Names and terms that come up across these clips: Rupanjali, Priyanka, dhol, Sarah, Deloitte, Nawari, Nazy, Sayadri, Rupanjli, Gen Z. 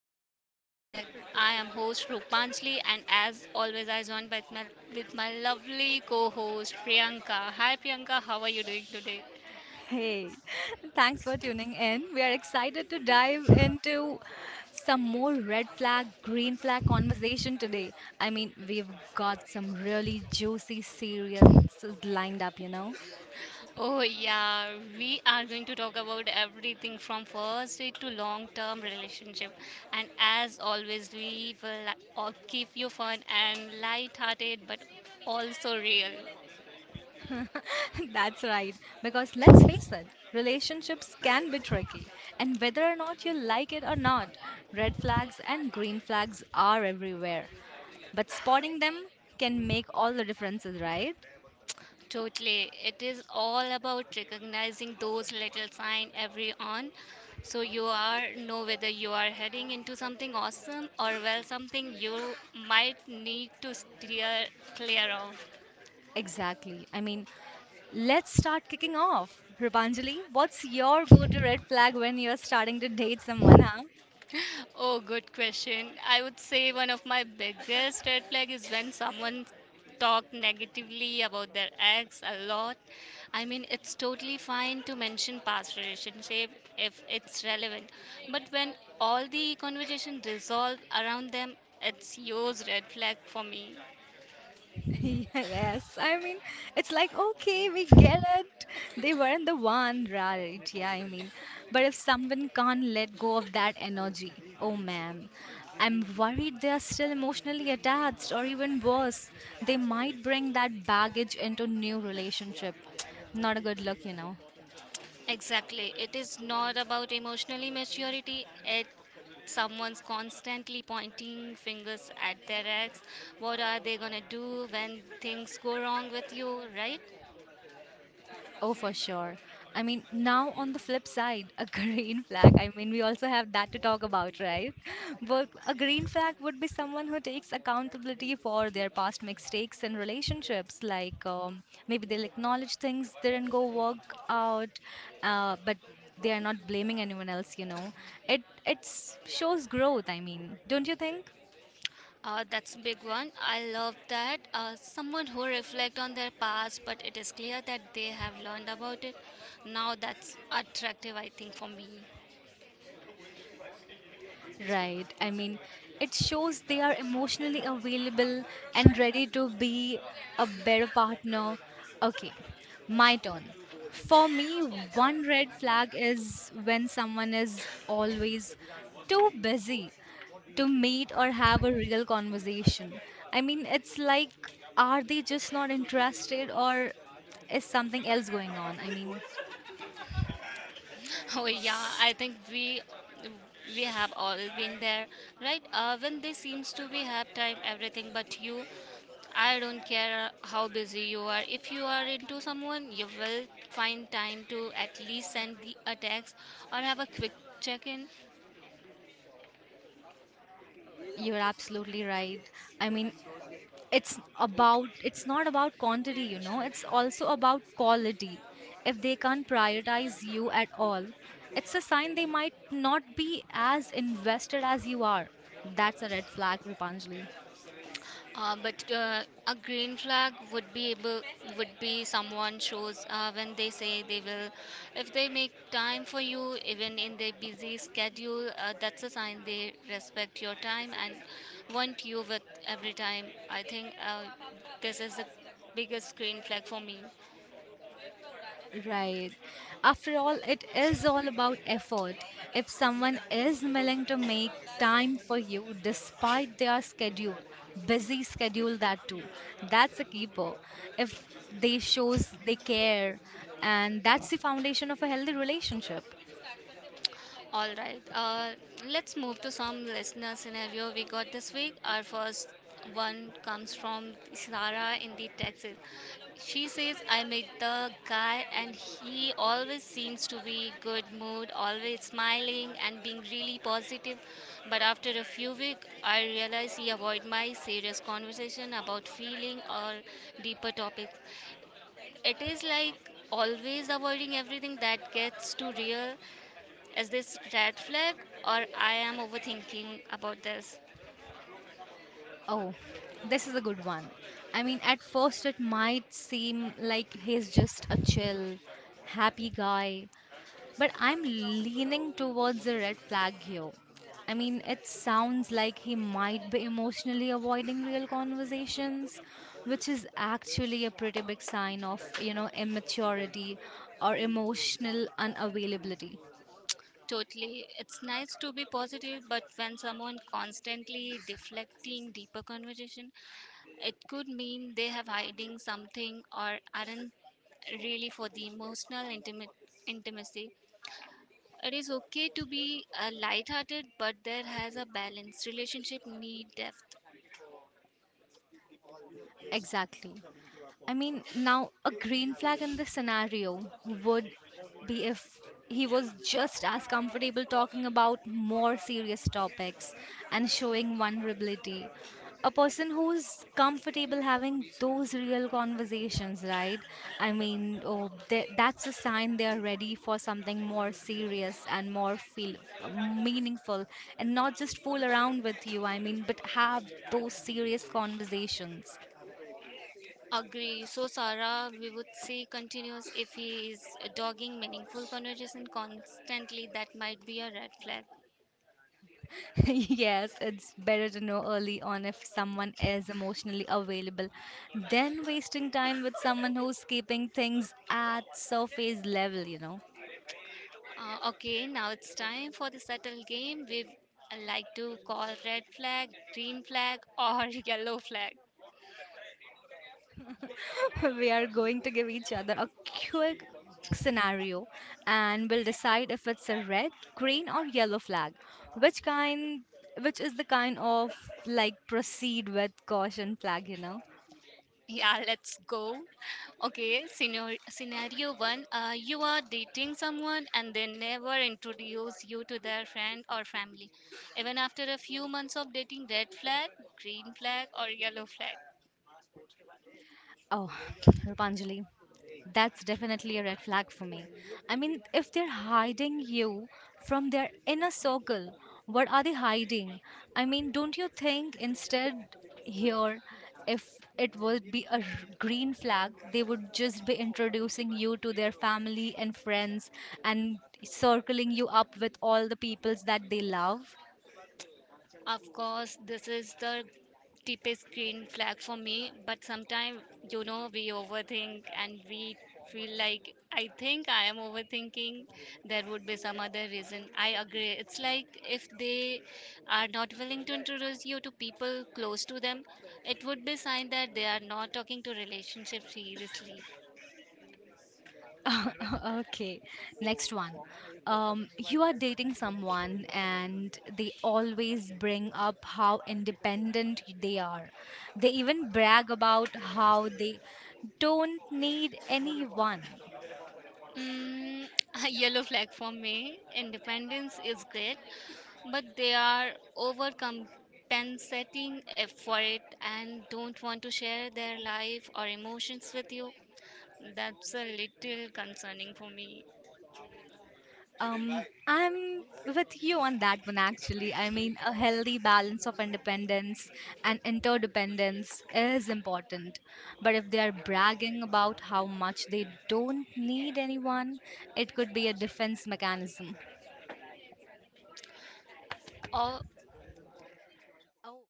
versus Green Flag. I am host Rupanjli and as always I joined with with my lovely co-host Priyanka. Hi Priyanka, how are you doing today? Hey, thanks for tuning in. We are excited to dive into some more red flag, green flag conversation today. We've got some really juicy series lined up, Oh yeah, we are going to talk about everything from first date to long-term relationship. And as always we will keep you fun and light-hearted but also real. That's right, because let's face it, relationships can be tricky. And whether or not you like it or not, red flags and green flags are everywhere. But spotting them can make all the differences, right? Totally. It is all about recognizing those little signs every on. So you are know whether you are heading into something awesome or well something you might need to steer clear of. Exactly. Let's start kicking off. Rupanjali, what's your go to red flag when you're starting to date someone, huh? Oh, good question. I would say one of my biggest red flag is when someone talk negatively about their ex a lot. I mean, it's totally fine to mention past relationship if it's relevant, but when all the conversation resolve around them, it's huge red flag for me. Yes. It's like, okay, we get it. They weren't the one, right? Yeah, but if someone can't let go of that energy, oh man, I'm worried they're still emotionally attached, or even worse, they might bring that baggage into new relationship. Not a good look, Exactly. It is not about emotional maturity. It's someone's constantly pointing fingers at their ex. What are they gonna do when things go wrong with you, right? Oh, for sure. Now on the flip side, a green flag. We also have that to talk about, right? But a green flag would be someone who takes accountability for their past mistakes in relationships. Like maybe they'll acknowledge things didn't go work out, but they are not blaming anyone else. You know, it shows growth. Don't you think? That's a big one. I love that. Someone who reflect on their past, but it is clear that they have learned about it. Now that's attractive, I think, for me. Right. It shows they are emotionally available and ready to be a better partner. Okay, my turn. For me, one red flag is when someone is always too busy to meet or have a real conversation. It's like, are they just not interested or is something else going on? Oh yeah, I think we have all been there, right? When they seems to be have time everything but you. I don't care how busy you are. If you are into someone, you will find time to at least send the a text or have a quick check in. You're absolutely right. I mean, it's not about quantity, you know, it's also about quality. If they can't prioritize you at all, it's a sign they might not be as invested as you are. That's a red flag, Rupanjali. But A green flag would be someone shows when they say they will, if they make time for you even in their busy schedule. That's a sign they respect your time and want you with every time. I think this is the biggest green flag for me. Right. After all, it is all about effort. If someone is willing to make time for you despite their schedule, busy schedule that too, that's a keeper. If they shows they care, and that's the foundation of a healthy relationship. All right. Let's move to some listener scenario we got this week. Our first one comes from Sarah in the Texas. She says, "I met the guy, and he always seems to be good mood, always smiling and being really positive. But after a few weeks, I realize he avoid my serious conversation about feeling or deeper topics. It is like always avoiding everything that gets too real, is this red flag or I am overthinking about this? Oh, this is a good one. At first it might seem like he's just a chill, happy guy, but I'm leaning towards a red flag here. It sounds like he might be emotionally avoiding real conversations, which is actually a pretty big sign of, you know, immaturity or emotional unavailability. Totally. It's nice to be positive, but when someone constantly deflecting deeper conversation, it could mean they have hiding something or aren't really for the emotional intimate intimacy. It is okay to be hearted but there has a balance. Relationship need depth. Exactly. Now a green flag in this scenario would be if he was just as comfortable talking about more serious topics and showing vulnerability. A person who's comfortable having those real conversations, right? That's a sign they are ready for something more serious and more feel meaningful, and not just fool around with you. But have those serious conversations. Agree. So, Sarah, we would say continues if he is dogging meaningful conversation constantly. That might be a red flag. Yes, it's better to know early on if someone is emotionally available than wasting time with someone who's keeping things at surface level, Okay, now it's time for the subtle game. We like to call red flag, green flag, or yellow flag. We are going to give each other a quick scenario and we'll decide if it's a red, green or yellow flag. Which kind which is the kind of like proceed with caution flag, Yeah, let's go. Okay, scenario one. You are dating someone and they never introduce you to their friend or family. Even after a few months of dating, red flag, green flag, or yellow flag. Oh, Rupanjali, that's definitely a red flag for me. If they're hiding you from their inner circle, what are they hiding? Don't you think? Instead here, if it would be a green flag, they would just be introducing you to their family and friends and circling you up with all the peoples that they love? Of course, this is the deepest green flag for me, but sometimes, you know, we overthink and we feel like I think I am overthinking. There would be some other reason. I agree. It's like if they are not willing to introduce you to people close to them, it would be sign that they are not talking to relationship seriously. Okay, next one. You are dating someone and they always bring up how independent they are. They even brag about how they don't need anyone. Mm, a yellow flag for me. Independence is great, but they are overcompensating for it and don't want to share their life or emotions with you. That's a little concerning for me. Um, I'm with you on that one, actually. A healthy balance of independence and interdependence is important. But if they are bragging about how much they don't need anyone, it could be a defense mechanism. Oh, Oh,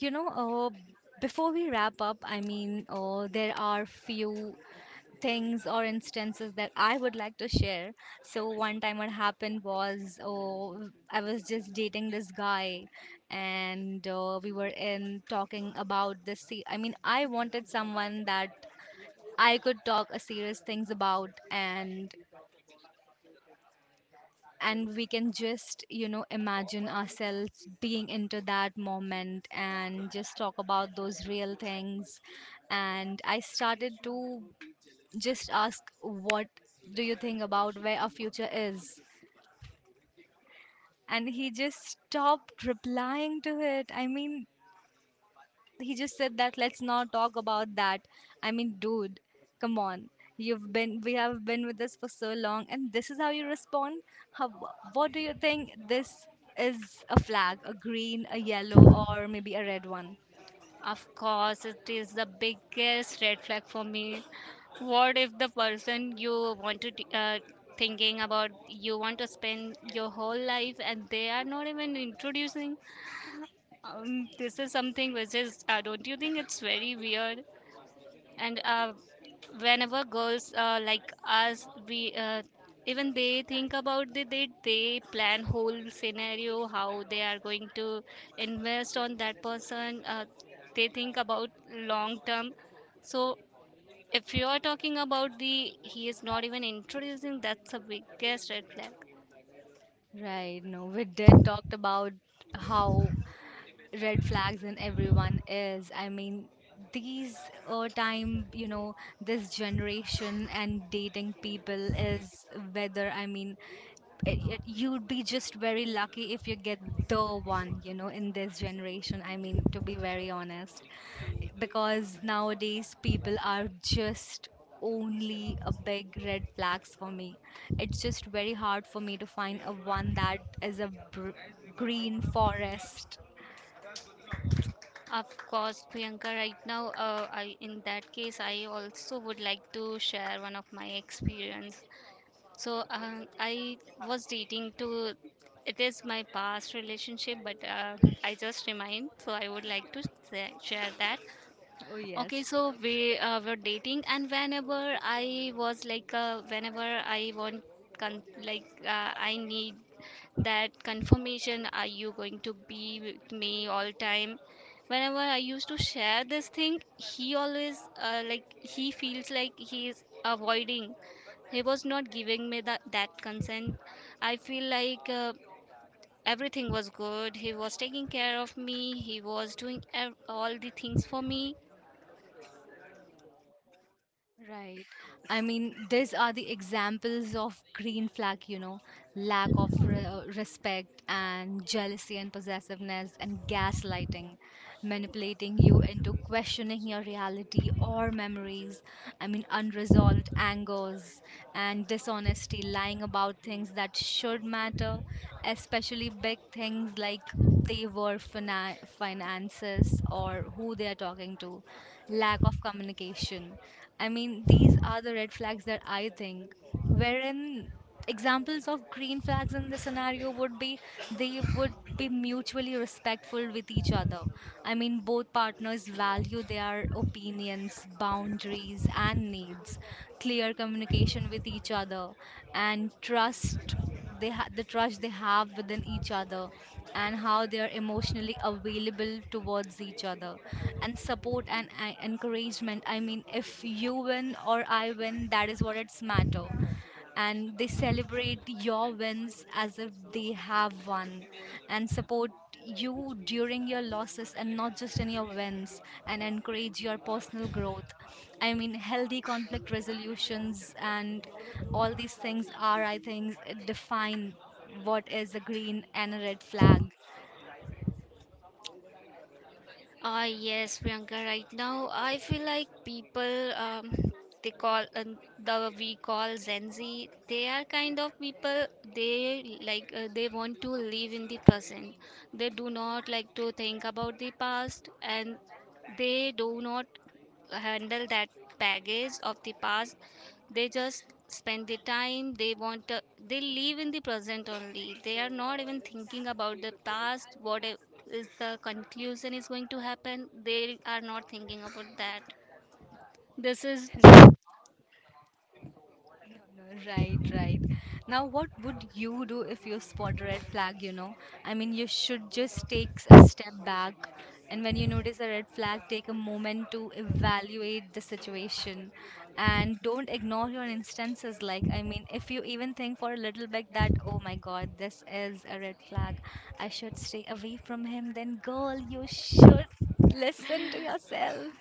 you know, before we wrap up, there are few things or instances that I would like to share. So one time what happened was I was just dating this guy and we were in talking about this I wanted someone that I could talk a serious things about, and we can just, you know, imagine ourselves being into that moment and just talk about those real things. And I started to just asked, "What do you think about where our future is?" And he just stopped replying to it. He just said that let's not talk about that. Dude, come on. We have been with this for so long, and this is how you respond. How, what do you think? This is a flag, a green, a yellow, or maybe a red one. of course, it is the biggest red flag for me. What if the person you want to thinking about you want to spend your whole life and they are not even introducing? This is something which is, don't you think it's very weird? And whenever girls like us, we even they think about it, they plan whole scenario how they are going to invest on that person. They think about long term. So if you are talking about the he is not even introducing, that's the biggest red flag. Right, no, we did talked about how red flags in everyone is. These time, you know, this generation and dating people is whether you'd be just very lucky if you get the one, you know, in this generation, to be very honest, because nowadays people are just only a big red flags for me. It's just very hard for me to find a one that is a green forest. Of course, Priyanka, right now, I, in that case, I also would like to share one of my experience. I was dating to, it is my past relationship, but I just remind, so I would like to share that. Oh, Okay, yes. so we were dating, and whenever I was like, whenever I I need that confirmation, are you going to be with me all time? Whenever I used to share this thing, he always, like, he feels like he is avoiding. He was not giving me that consent. I feel like everything was good. He was taking care of me, he was doing all the things for me. Right. These are the examples of green flag, you know, lack of respect and jealousy and possessiveness and gaslighting, manipulating you into questioning your reality or memories. Unresolved angers and dishonesty, lying about things that should matter, especially big things like they were finances or who they are talking to, lack of communication. These are the red flags that I think, wherein examples of green flags in this scenario would be they would be mutually respectful with each other. Both partners value their opinions, boundaries and needs, clear communication with each other, and trust, the trust they have within each other, and how they are emotionally available towards each other, and support and encouragement. If you win or I win, that is what it's matter, and they celebrate your wins as if they have won, and support you during your losses and not just in your wins, and encourage your personal growth. Healthy conflict resolutions and all these things are, I think, define what is a green and a red flag. Ah, yes, Priyanka. Right now, I feel like people they call the we call Gen Z. They are kind of people. They like they want to live in the present. They do not like to think about the past, and they do not handle that baggage of the past. They just spend the time they want to, they live in the present only, they are not even thinking about the past. Is the conclusion is going to happen, they are not thinking about that. This is, No, no, right, right. Now, what would you do if you spot a red flag, you know? You should just take a step back, and when you notice a red flag, take a moment to evaluate the situation and don't ignore your instances. If you even think for a little bit that, oh my god, this is a red flag, I should stay away from him, then, girl, you should listen to yourself.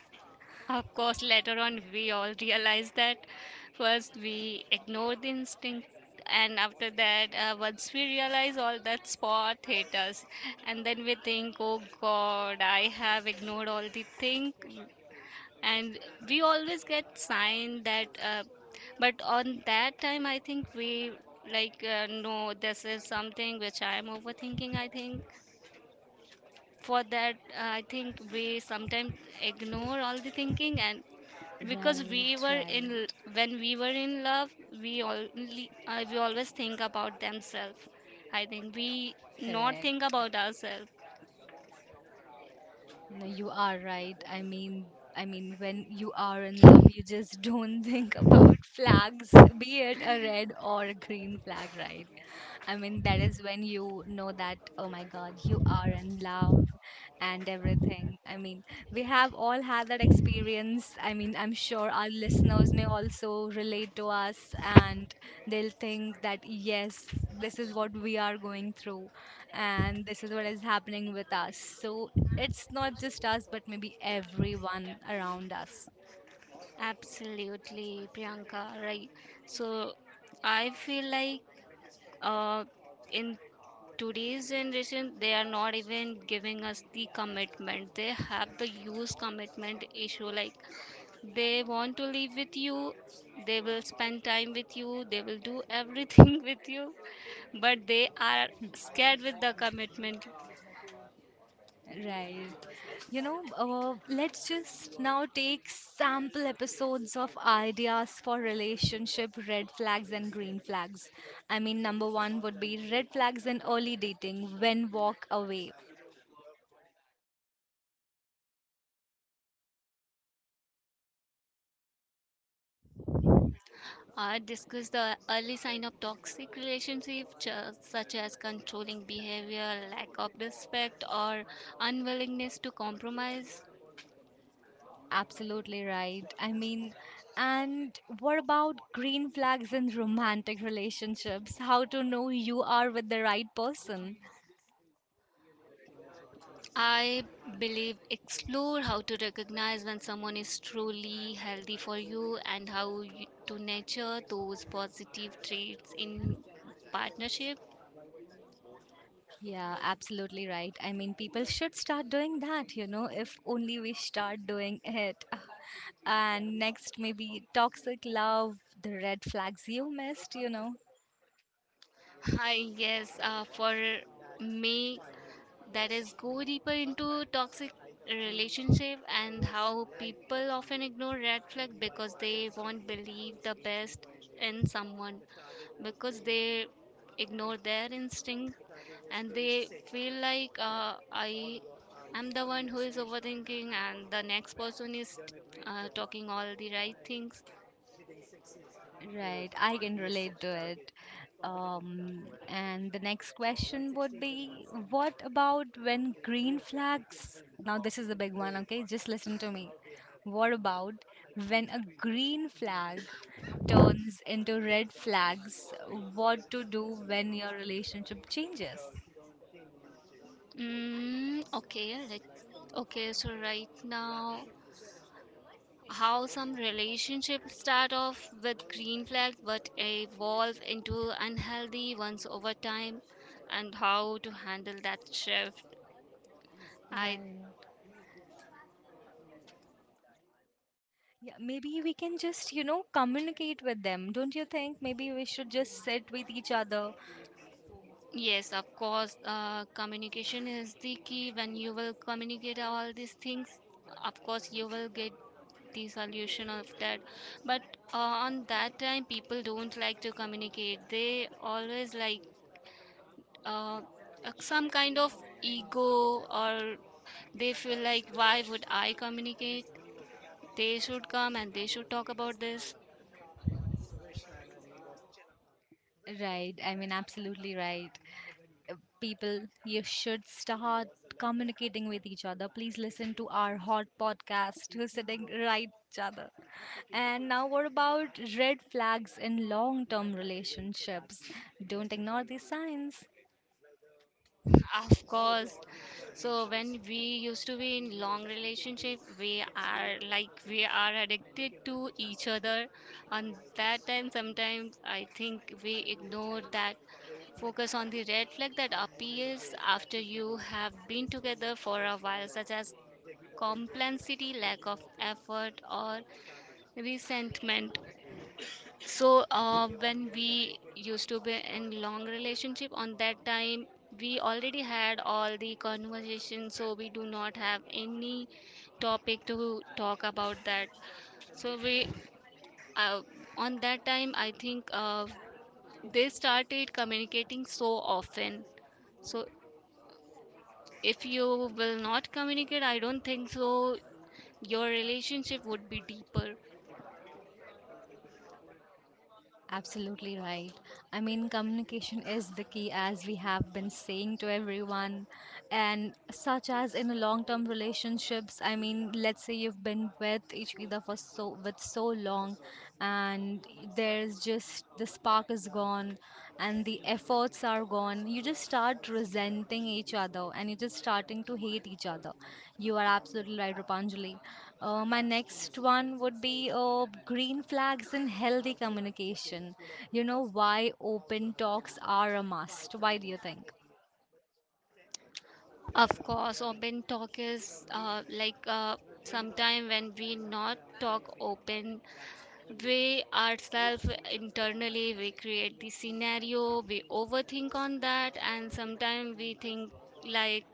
of course, later on we all realize that first we ignore the instinct, and after that once we realize all that spot hit us, and then we think, oh god, I have ignored all the thing. And we always get signed that but on that time I think we like no, this is something which I am overthinking, I think. For that I think we sometimes ignore all the thinking, and because we Right, were in right. When we were in love, we always think about themselves. I think we not think Correct. about ourselves. No, you are right. I mean, when you are in love, you just don't think about flags, be it a red or a green flag, right? That is when you know that, oh my God, you are in love and everything. We have all had that experience. I'm sure our listeners may also relate to us and they'll think that, yes, this is what we are going through and this is what is happening with us. So it's not just us but maybe everyone around us. Absolutely, Priyanka, right. So I feel like uh, in today's generation, they are not even giving us the commitment. They have the use commitment issue. Like, they want to live with you, they will spend time with you, they will do everything with you, but they are scared with the commitment. Right, you know, let's just now take sample episodes of ideas for relationship red flags and green flags. Number one would be red flags in early dating when walk away. I discuss the early sign of toxic relationship such as controlling behavior, lack of respect, or unwillingness to compromise. Absolutely right. And what about green flags in romantic relationships? How to know you are with the right person? I believe explore how to recognize when someone is truly healthy for you and how you, to nurture those positive traits in partnership. Yeah, absolutely right. People should start doing that, you know, if only we start doing it. And next, maybe toxic love, the red flags you missed, you know. Hi, yes, for me, that is go deeper into toxic relationship and how people often ignore red flag because they won't believe the best in someone because they ignore their instinct and they feel like I am the one who is overthinking and the next person is talking all the right things. Right, I can relate to it. And the next question would be, what about when green flags? Now, this is the big one, okay? Just listen to me. What about when a green flag turns into red flags? What to do when your relationship changes? Mm, okay let okay so right now, how some relationships start off with green flags but evolve into unhealthy ones over time and how to handle that shift. I Right. Yeah, maybe we can just, you know, communicate with them. Don't you think? Maybe we should just sit with each other. yes, of course, communication is the key. When you will communicate all these things, of course you will get the solution of that. But on that time people don't like to communicate. They always like uh, some kind of ego, or they feel like, why would I communicate? They should come and they should talk about this. Right. Absolutely right. uh, people, you should start communicating with each other. Please listen to our hot podcast who's sitting right each other. And now what about red flags in long-term relationships? Don't ignore these signs. Of course. So when we used to be in long relationship, we are like we are addicted to each other. On that time, sometimes I think we ignore that, focus on the red flag that appears after you have been together for a while, such as complacency, lack of effort, or resentment. So when we used to be in long relationship, on that time, we already had all the conversation, so we do not have any topic to talk about that. So we uh, on that time, I think they started communicating so often. So if you will not communicate, I don't think so. Your relationship would be deeper. Absolutely right. Communication is the key, as we have been saying to everyone. And such as in long term relationships, let's say you've been with each other for so with so long, and there's just the spark is gone, and the efforts are gone. You just start resenting each other and you're just starting to hate each other. You are absolutely right, Rupanjali. My next one would be green flags in healthy communication. You know why open talks are a must? Why do you think? Of course, open talk is sometime when we not talk open, we ourselves internally we create the scenario, we overthink on that, and sometimes we think like,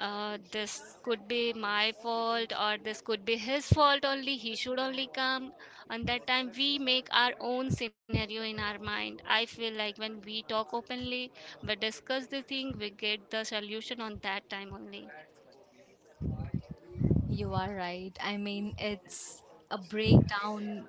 this could be my fault or this could be his fault, only he should only come. And that time we make our own scenario in our mind. I feel like when we talk openly, we discuss the thing, we get the solution on that time only. You are right. It's a breakdown.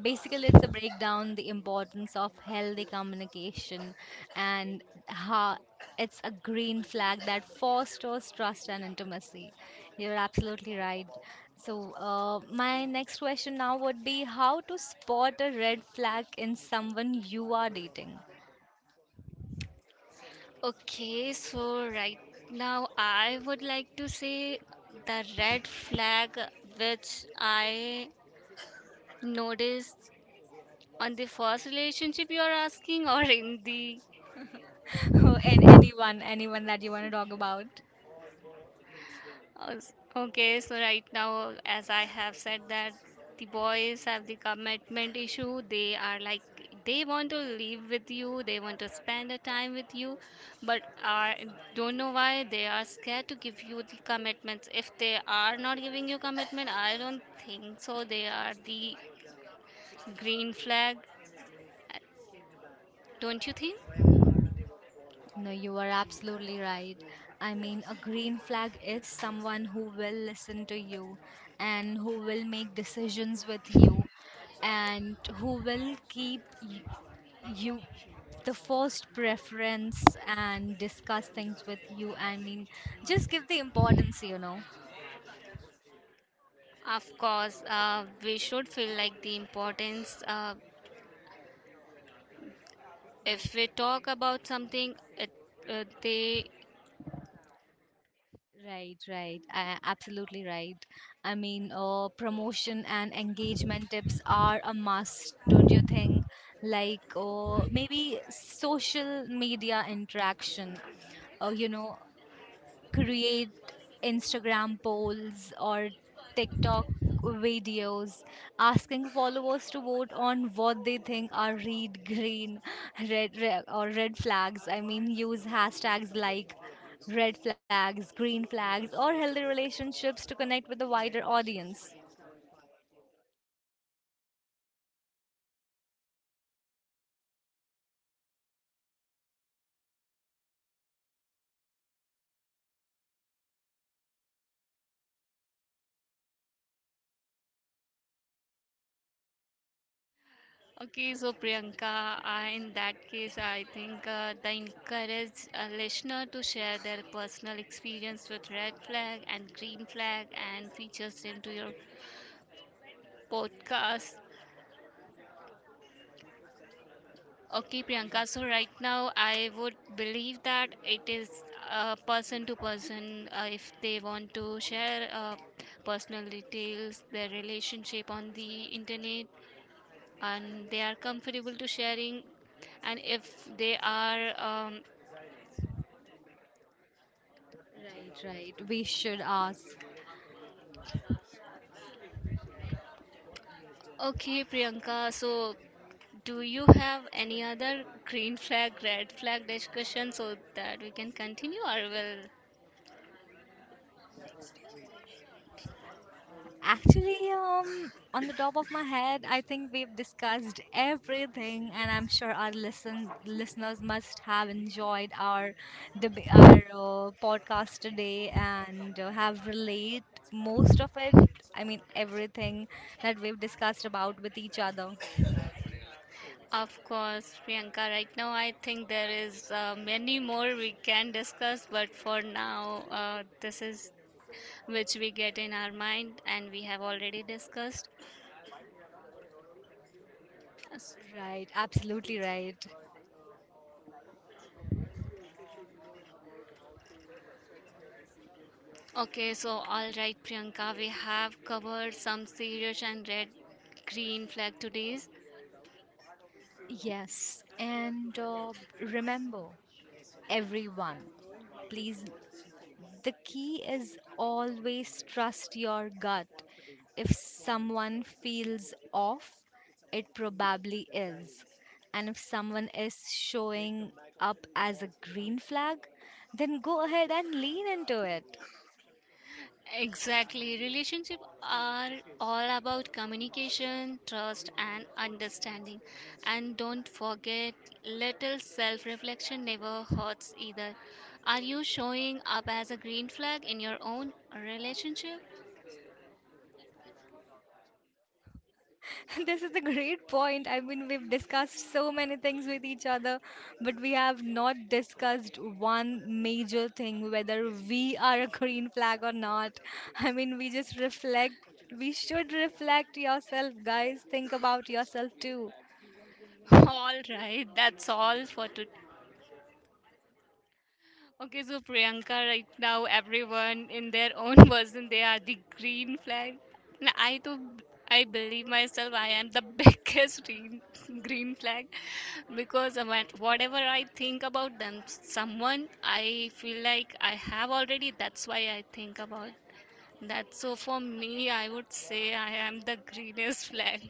Basically, it's a breakdown the importance of healthy communication and how it's a green flag that fosters trust and intimacy. You're absolutely right. So, my next question now would be, how to spot a red flag in someone you are dating? Okay, so right now I would like to say the red flag which I noticed on the first relationship you are asking or in the... And anyone, anyone that you want to talk about. Okay, so right now, as I have said that the boys have the commitment issue. They are like, they want to live with you, they want to spend the time with you, but are don't know why they are scared to give you the commitments. If they are not giving you commitment, I don't think so they are the green flag, don't you think? No, you are absolutely right. A green flag is someone who will listen to you and who will make decisions with you and who will keep you the first preference and discuss things with you. Just give the importance, you know. Of course, we should feel like the importance. If we talk about something, it, they... Right, right. Absolutely right. Promotion and engagement tips are a must, don't you think? Like, maybe social media interaction, you know, create Instagram polls or TikTok videos asking followers to vote on what they think are red, green, red or red flags. Use hashtags like red flags, green flags, or healthy relationships to connect with a wider audience. okay. So Priyanka, I, in that case, I think the encourage a listener to share their personal experience with red flag and green flag and features into your podcast. Okay, Priyanka. So right now, I would believe that it is person to person. If they want to share personal details, their relationship on the internet, and they are comfortable to sharing, and if they are um... Right, right. We should ask. Okay, Priyanka, so do you have any other green flag red flag discussion so that we can continue, or will... Actually, on the top of my head, I think we've discussed everything, and I'm sure our listeners must have enjoyed our podcast today and have relate most of it. Everything that we've discussed about with each other. of course, Priyanka, right now I think there is many more we can discuss, but for now this is which we get in our mind and we have already discussed. Right, absolutely right. Okay, so all right, Priyanka, we have covered some serious and red green flag today's. Yes, and remember, everyone, please, the key is always trust your gut. If someone feels off, it probably is. And if someone is showing up as a green flag, then go ahead and lean into it. Exactly, relationships are all about communication, trust, and understanding. And don't forget, little self reflection never hurts either. Are you showing up as a green flag in your own relationship? This is a great point. We've discussed so many things with each other, but we have not discussed one major thing, whether we are a green flag or not. We just reflect. We should reflect yourself, guys. Think about yourself too. All right, that's all for today. Okay, so Priyanka, right now everyone in their own version, they are the green flag. And I too, I believe myself, I am the biggest green flag because of whatever I think about them, someone I feel like I have already. That's why I think about that. So for me, I would say I am the greenest flag.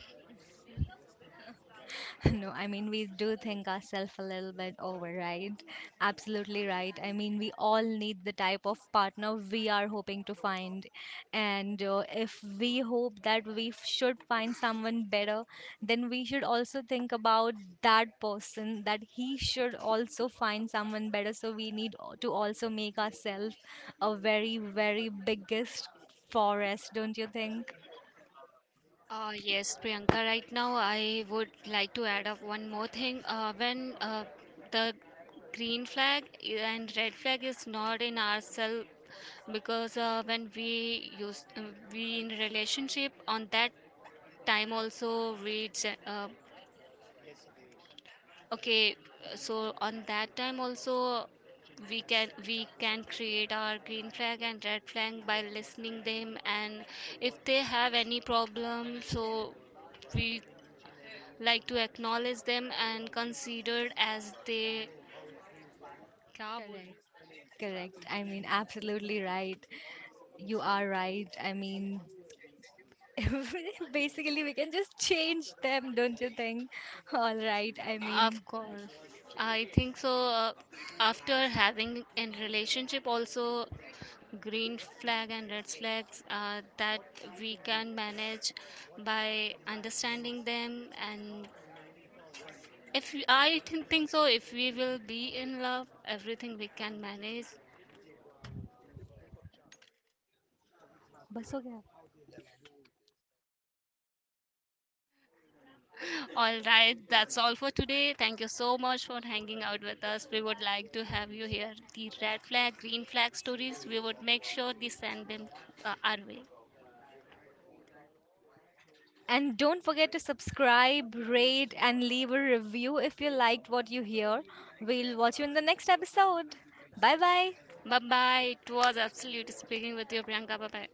No, we do think ourselves a little bit over, right? Absolutely right. We all need the type of partner we are hoping to find. And if we hope that we should find someone better, then we should also think about that person, that he should also find someone better. So we need to also make ourselves a very, very biggest forest, don't you think? Yes, Priyanka, right now I would like to add up one more thing. When the green flag and red flag is not in ourselves, because when we used we in relationship on that time also okay, so on that time also we can create our green flag and red flag by listening them, and if they have any problem, so we like to acknowledge them and considered as they क्या बोल Correct. रही Correct. Absolutely right. You are right. Basically, we can just change them, don't you think? All right. हो? Of course, I think so, after having in relationship also green flag and red flags that we can manage by understanding them. And if we- I think so if we will be in love, everything we can manage. बस हो गया। All right, that's all for today. Thank you so much for hanging out with us. We would like to have you hear the red flag, green flag stories, we would make sure they send them our way. And don't forget to subscribe, rate, and leave a review if you liked what you hear. We'll watch you in the next episode. Bye bye. Bye bye. It was absolute speaking with you, Priyanka. Bye bye.